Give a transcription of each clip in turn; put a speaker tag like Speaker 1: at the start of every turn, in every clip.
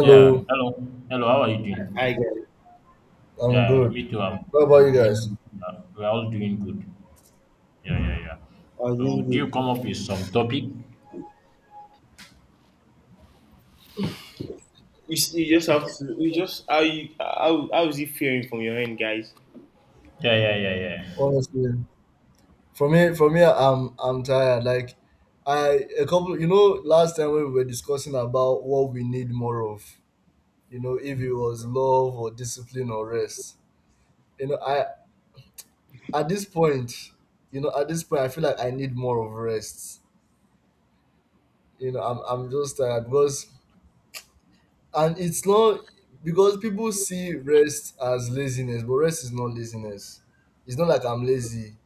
Speaker 1: Yeah, hello. Hello, how are you doing?
Speaker 2: I get it.
Speaker 3: I'm
Speaker 1: Yeah,
Speaker 3: good.
Speaker 1: me too.
Speaker 3: How about you
Speaker 1: I'm
Speaker 3: guys?
Speaker 1: doing, we're all doing good. Yeah, yeah, yeah.
Speaker 2: I was doing
Speaker 1: So, do you
Speaker 2: good.
Speaker 1: come up with some topic?
Speaker 2: You just have to. You just how you how is it feeling from your end, guys?
Speaker 1: Yeah, yeah, yeah, yeah.
Speaker 3: Honestly, for me, I'm tired. Like, I a couple, you know, last time when we were discussing about what we need more of, you know, if it was love or discipline or rest, you know, I at this point, you know, at this point, I feel like I need more of rest. You know, I'm just tired, and it's not because people see rest as laziness, but rest is not laziness. It's not like I'm lazy,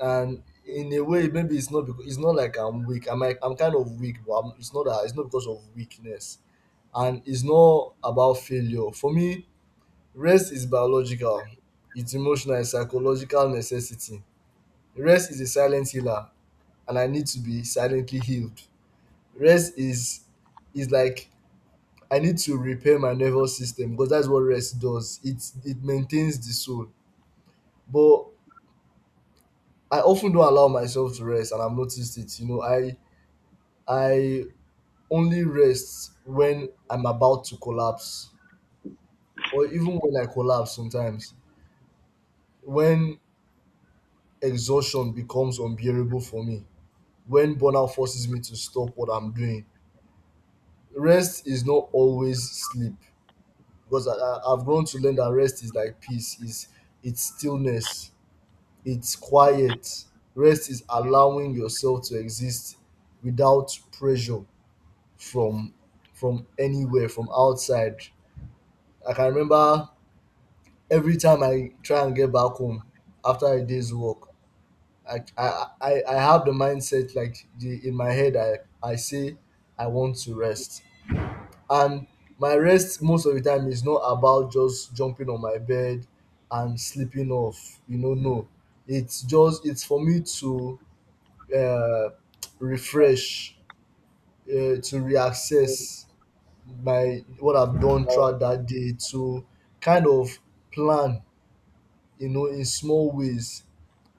Speaker 3: and in a way maybe it's not because it's not like I'm weak. I'm like I'm kind of weak, but I'm, it's not that, it's not because of weakness, and it's not about failure for me. Rest is biological, it's emotional, it's psychological necessity. Rest is a silent healer, and I need to be silently healed. Rest is like I need to repair my nervous system, because that's what rest does. It maintains the soul. But I often don't allow myself to rest, and I've noticed it. You know, I only rests when I'm about to collapse, or even when I collapse sometimes, when exhaustion becomes unbearable for me, when burnout forces me to stop what I'm doing. Rest is not always sleep, because I've grown to learn that rest is like peace, is it's stillness, it's quiet. Rest is allowing yourself to exist without pressure from from anywhere, from outside. Like, I can remember every time I try and get back home after a day's work, I have the mindset like in my head, I say I want to rest. And my rest most of the time is not about just jumping on my bed and sleeping off. You know, no. It's just it's for me to uh, refresh, to reassess my what I've done throughout that day, to kind of plan, you know, in small ways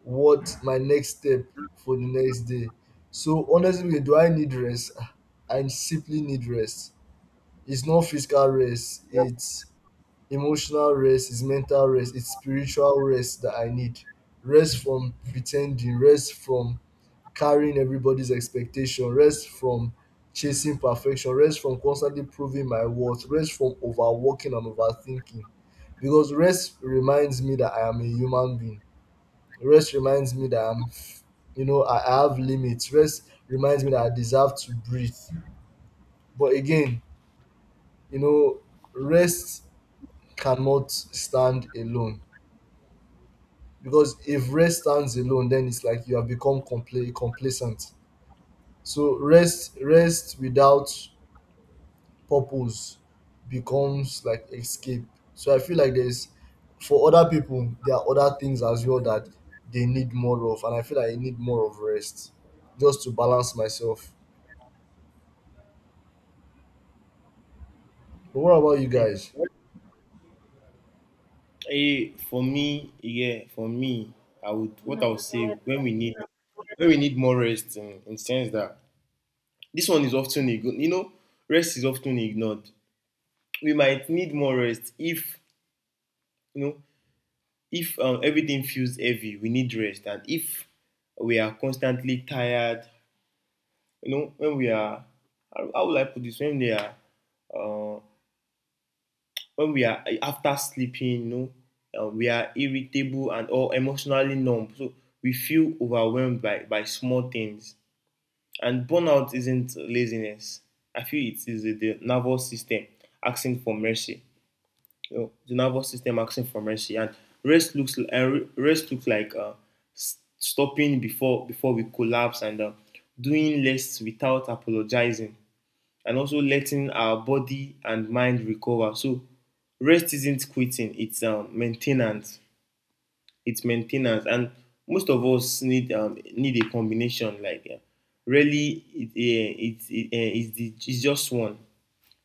Speaker 3: what my next step for the next day. So honestly, do I need rest? I simply need rest. It's not physical rest, it's emotional rest, it's mental rest, it's spiritual rest that I need. Rest from pretending, rest from carrying everybody's expectation, rest from chasing perfection, rest from constantly proving my worth, rest from overworking and overthinking. Because rest reminds me that I am a human being. Rest reminds me that I'm you know I, have limits. Rest reminds me that I deserve to breathe. But again, you know, rest cannot stand alone, because if rest stands alone then it's like you have become complacent. So rest without purpose becomes like escape. So I feel like there's for other people there are other things as well that they need more of, and I feel like I need more of rest just to balance myself. But what about you guys?
Speaker 2: Hey, for me, yeah, for me, I would what I would say when we need more rest in sense that this one is often ignored. You know, rest is often ignored. We might need more rest if you know if everything feels heavy. We need rest, and if we are constantly tired, when we are, how will I put this? When they are, uh, when we are after sleeping, we are irritable and or emotionally numb, so we feel overwhelmed by small things. And burnout isn't laziness. I feel it is the nervous system asking for mercy. You know, the nervous system asking for mercy. And rest looks like, stopping before we collapse, and doing less without apologizing, and also letting our body and mind recover. So rest isn't quitting; it's maintenance. It's maintenance, and most of us need, need a combination. Like, really, it's just one.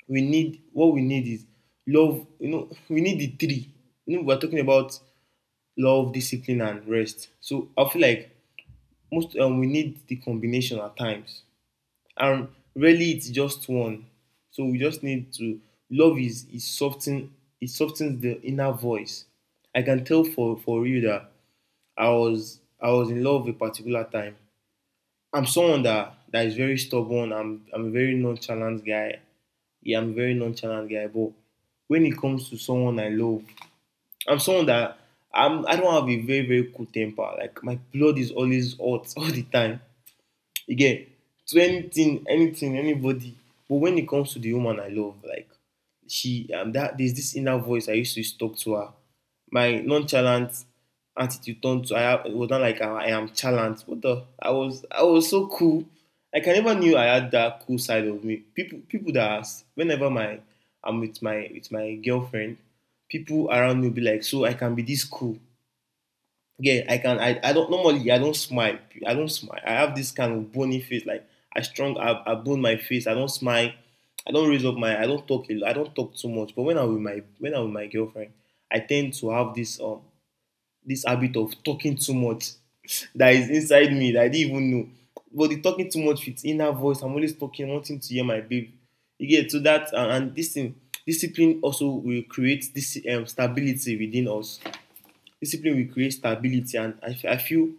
Speaker 2: We need what we need is love. You know, we need the three. You know, we're talking about love, discipline, and rest. So I feel like most, we need the combination at times, and really it's just one. So we just need to. Love is is soften it softens the inner voice. I can tell for real that I was in love a particular time. I'm someone that is very stubborn. I'm a very nonchalant guy. Yeah, I'm a very nonchalant guy. But when it comes to someone I love, I'm someone that, I'm, I don't have a very cool temper. Like, my blood is always hot all the time. Again, to anything, anything, anybody. But when it comes to the woman I love, like, she that there's this inner voice I used to talk to her. My nonchalant attitude turned to, I it was not like I am chalant. What the I was, I was so cool. Like, I never knew I had that cool side of me. People that ask whenever my, I'm with my girlfriend, people around me will be like, so I can be this cool. Yeah, I can. I don't normally. I don't smile. I don't smile. I have this kind of bony face. Like, I strong. I bone my face. I don't smile. I don't raise up my. I don't talk. I don't talk too much. But when I'm with my, when I'm with my girlfriend, I tend to have this, this habit of talking too much that is inside me that I didn't even know. But the talking too much with inner voice, I'm always talking, wanting to hear my babe. You get to that, and this thing, discipline also will create this, stability within us. Discipline will create stability, and I feel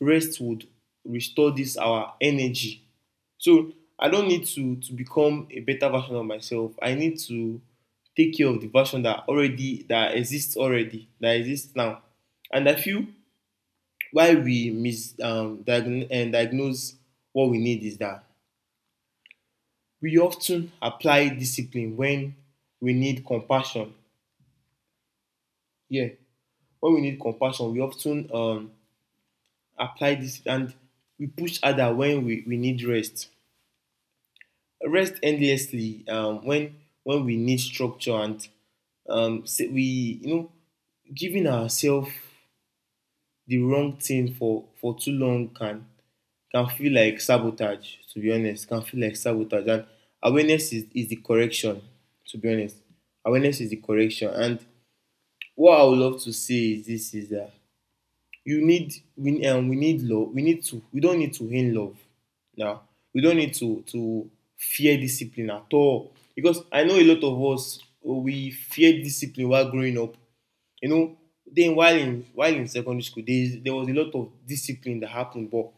Speaker 2: rest would restore this our energy. So I don't need to become a better version of myself. I need to take care of the version that already, that exists now. And I feel, why we misdiagnose, and diagnose what we need is that we often apply discipline when we need compassion. Yeah, when we need compassion, we often, apply this. And we push harder when we need rest. Rest endlessly, when we need structure and, say we, you know, giving ourselves the wrong thing for too long can feel like sabotage. To be honest, can feel like sabotage. And awareness is the correction. To be honest, awareness is the correction. And what I would love to say is this, is that you need, we, we need love. We need to, we don't need to hate love now. We don't need to fear discipline at all, because I know a lot of us, we fear discipline while growing up. You know, then while in secondary school, there is, there was a lot of discipline that happened. But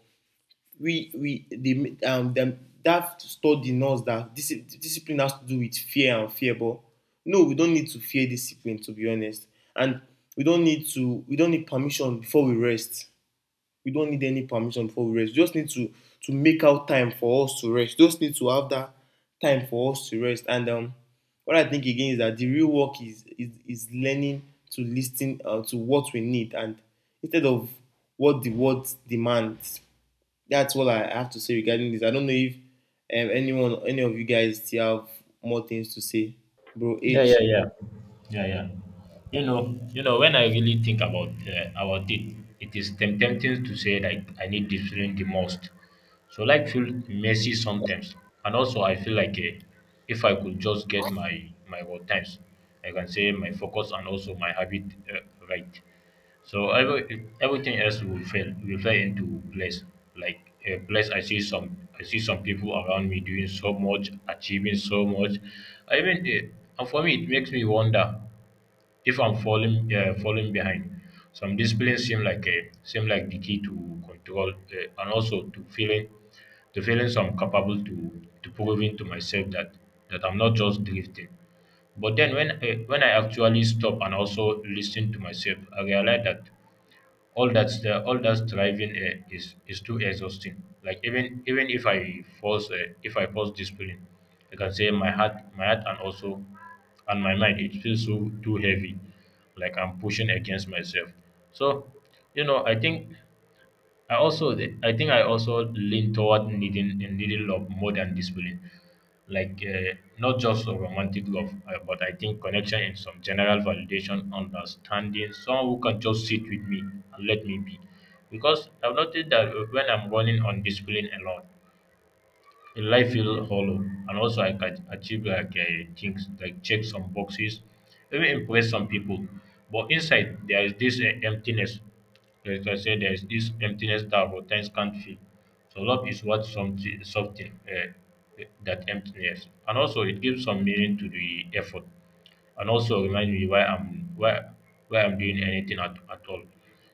Speaker 2: we they, them that study knows that discipline has to do with fear and fear. But no, we don't need to fear discipline, to be honest. And we don't need to, we don't need permission before we rest. We don't need any permission before we rest. We just need to make out time for us to rest. We just need to have that time for us to rest. And, what I think again is that the real work is, is learning to listen, to what we need, and instead of what the world demands. That's all I have to say regarding this. I don't know if, anyone, any of you guys still have more things to say, bro.
Speaker 1: Yeah, yeah,
Speaker 2: H.
Speaker 1: yeah. Yeah, yeah. When I really think about it, it is tempting to say like I need discipline the most. So like feel messy sometimes, and also I feel like if I could just get my work times, I can say my focus and also my habit uh, right. So everything else will fail will fall into place. Like a place I see some people around me doing so much, achieving so much. I mean, eh, and for me, it makes me wonder if I'm falling behind. Some disciplines seem like the key to control, and also to feeling some capable to proving to myself that I'm not just drifting. But then when I actually stop and also listen to myself, I realize that all that striving is too exhausting. Like even if I force discipline, I can say my heart and also and my mind, it feels so too heavy, like I'm pushing against myself. So you know, I think I also, I think I also lean toward needing love more than discipline, like uh, not just a romantic love, but I think connection and some general validation, understanding, someone who can just sit with me and let me be, because I've noticed that when I'm running on discipline a lot, in life feel hollow, and also I can achieve like, things like check some boxes, even impress some people, but inside there is this emptiness. Like I said, there is this emptiness that our times can't feel. So love is what, something something that emptiness, and also it gives some meaning to the effort, and also remind me why I'm doing anything at all.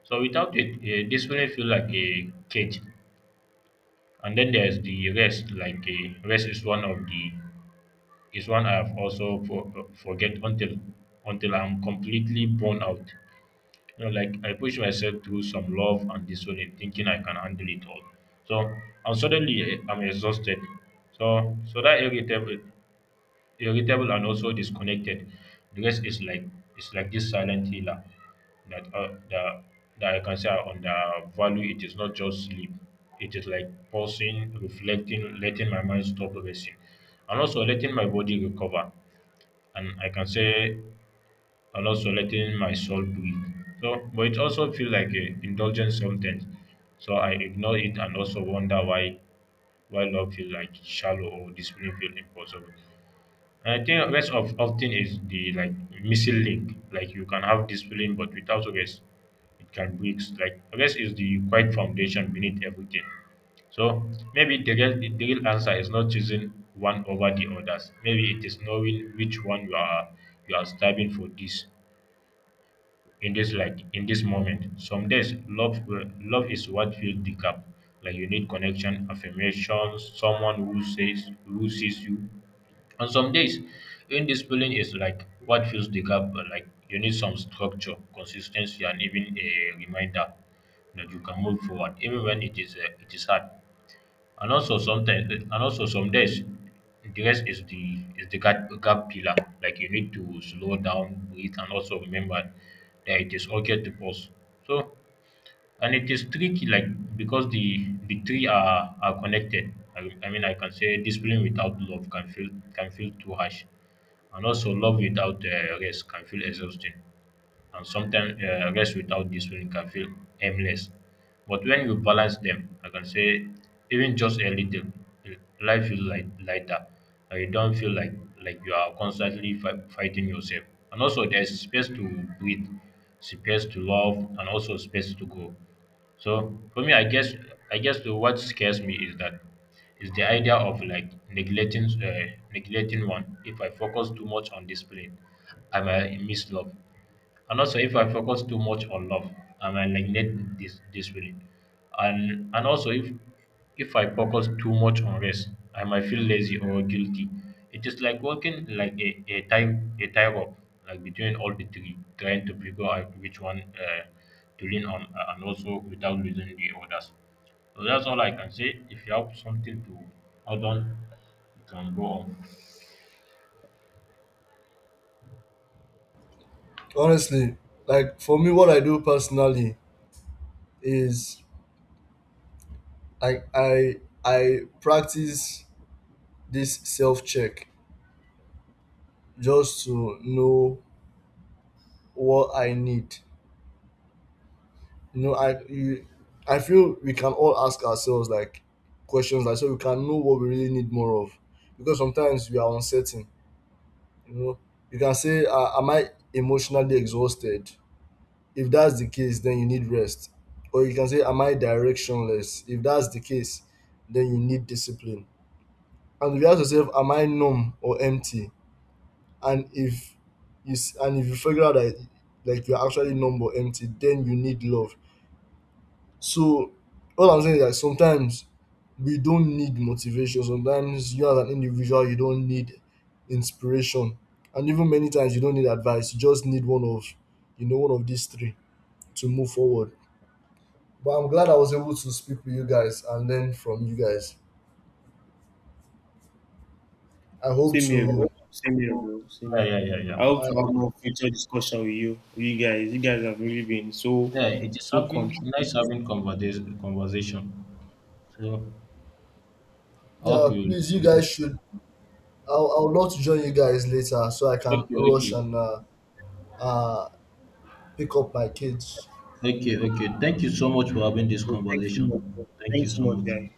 Speaker 1: So without it, this will feel like a cage. And then there's the rest, like, rest is one of the is one I've also forget until I'm completely burn out. You know, like I push myself through some love and discipline thinking I can handle it all. So and I'm exhausted. So so that irritable and also disconnected. The rest is like, it's like this silent healer that, the that I can say on the value. It is not just sleep. It is like pausing, reflecting, letting my mind stop racing, and also letting my body recover. And I can say, and also letting my soul breathe. So, but it also feels like a indulgence sometimes. So I ignore it and also wonder why love feels like shallow or discipline feel impossible. I think rest of often is the like missing link. Like you can have discipline, but without rest, it can break. Like rest is the quiet foundation beneath everything. So maybe the real answer is not choosing one over the others. Maybe it is knowing which one you are striving for this in this, like in this moment. Some days love is what fills the gap. Like you need connection, affirmations, someone who says who sees you, on some days, when discipline is like what fills the gap, like you need some structure, consistency, and even a reminder that you can move forward, even when it is hard. And also sometimes, and also some days, the rest is the gap pillar. Like you need to slow down, breathe, and also remember that it is okay to pause. So and it is tricky, like because the three are connected. I mean, I can say discipline without love can feel, can feel too harsh, and also love without, rest can feel exhausting, and sometimes, rest without discipline can feel aimless. But when you balance them, I can say, even just a little, eh, life feels like lighter. And you don't feel like you are constantly fighting yourself. And also, there's space to breathe, space to love, and also space to grow. So for me, I guess, I guess the what scares me is that is the idea of like neglecting uh, neglecting one. If I focus too much on discipline, I might miss love. And also, if I focus too much on love, I might neglect this spirit. And also, if I focus too much on rest, I might feel lazy or guilty. It is like walking like a time a tightrope, like between all the three, trying to figure out which one to lean on, and also without losing the others. So that's all I can say. If you have something to hold on, you can go on.
Speaker 3: Honestly, like for me, what I do personally is I I I practice this self check just to know what I need. You know, I you, I feel we can all ask ourselves like questions like so we can know what we really need more of, because sometimes we are uncertain. You know, you can say, "Am I emotionally exhausted?" If that's the case, then you need rest. Or you can say, am I directionless? If that's the case, then you need discipline. And if you ask yourself, am I numb or empty? And if and if you figure out that like you're actually numb or empty, then you need love. So all I'm saying is that sometimes we don't need motivation. Sometimes you as an individual, you don't need inspiration. And even many times you don't need advice. You just need one of these three to move forward. But I'm glad I was able to speak with you guys and learn from you guys. I hope
Speaker 2: Same here,
Speaker 3: to,
Speaker 2: bro. Same here, bro. Same
Speaker 1: Yeah,
Speaker 2: here.
Speaker 1: yeah, yeah, yeah.
Speaker 2: I hope
Speaker 3: I,
Speaker 2: to have more future discussion with you guys. You guys have really been so,
Speaker 1: Yeah, it is
Speaker 2: so
Speaker 1: having nice
Speaker 2: contributing.
Speaker 1: having conversation. So I hope
Speaker 3: yeah,
Speaker 1: you
Speaker 3: please, you
Speaker 1: look
Speaker 3: guys should. I'll love to join you guys later so I
Speaker 1: okay,
Speaker 3: can rush
Speaker 1: okay,
Speaker 3: and uh, pick up my kids.
Speaker 1: okay, okay. Thank you so much for having this
Speaker 2: Okay, thanks so
Speaker 1: conversation.
Speaker 2: much, bro.
Speaker 1: Thank you
Speaker 2: Thanks so
Speaker 1: so
Speaker 2: much,
Speaker 1: much.
Speaker 2: guys.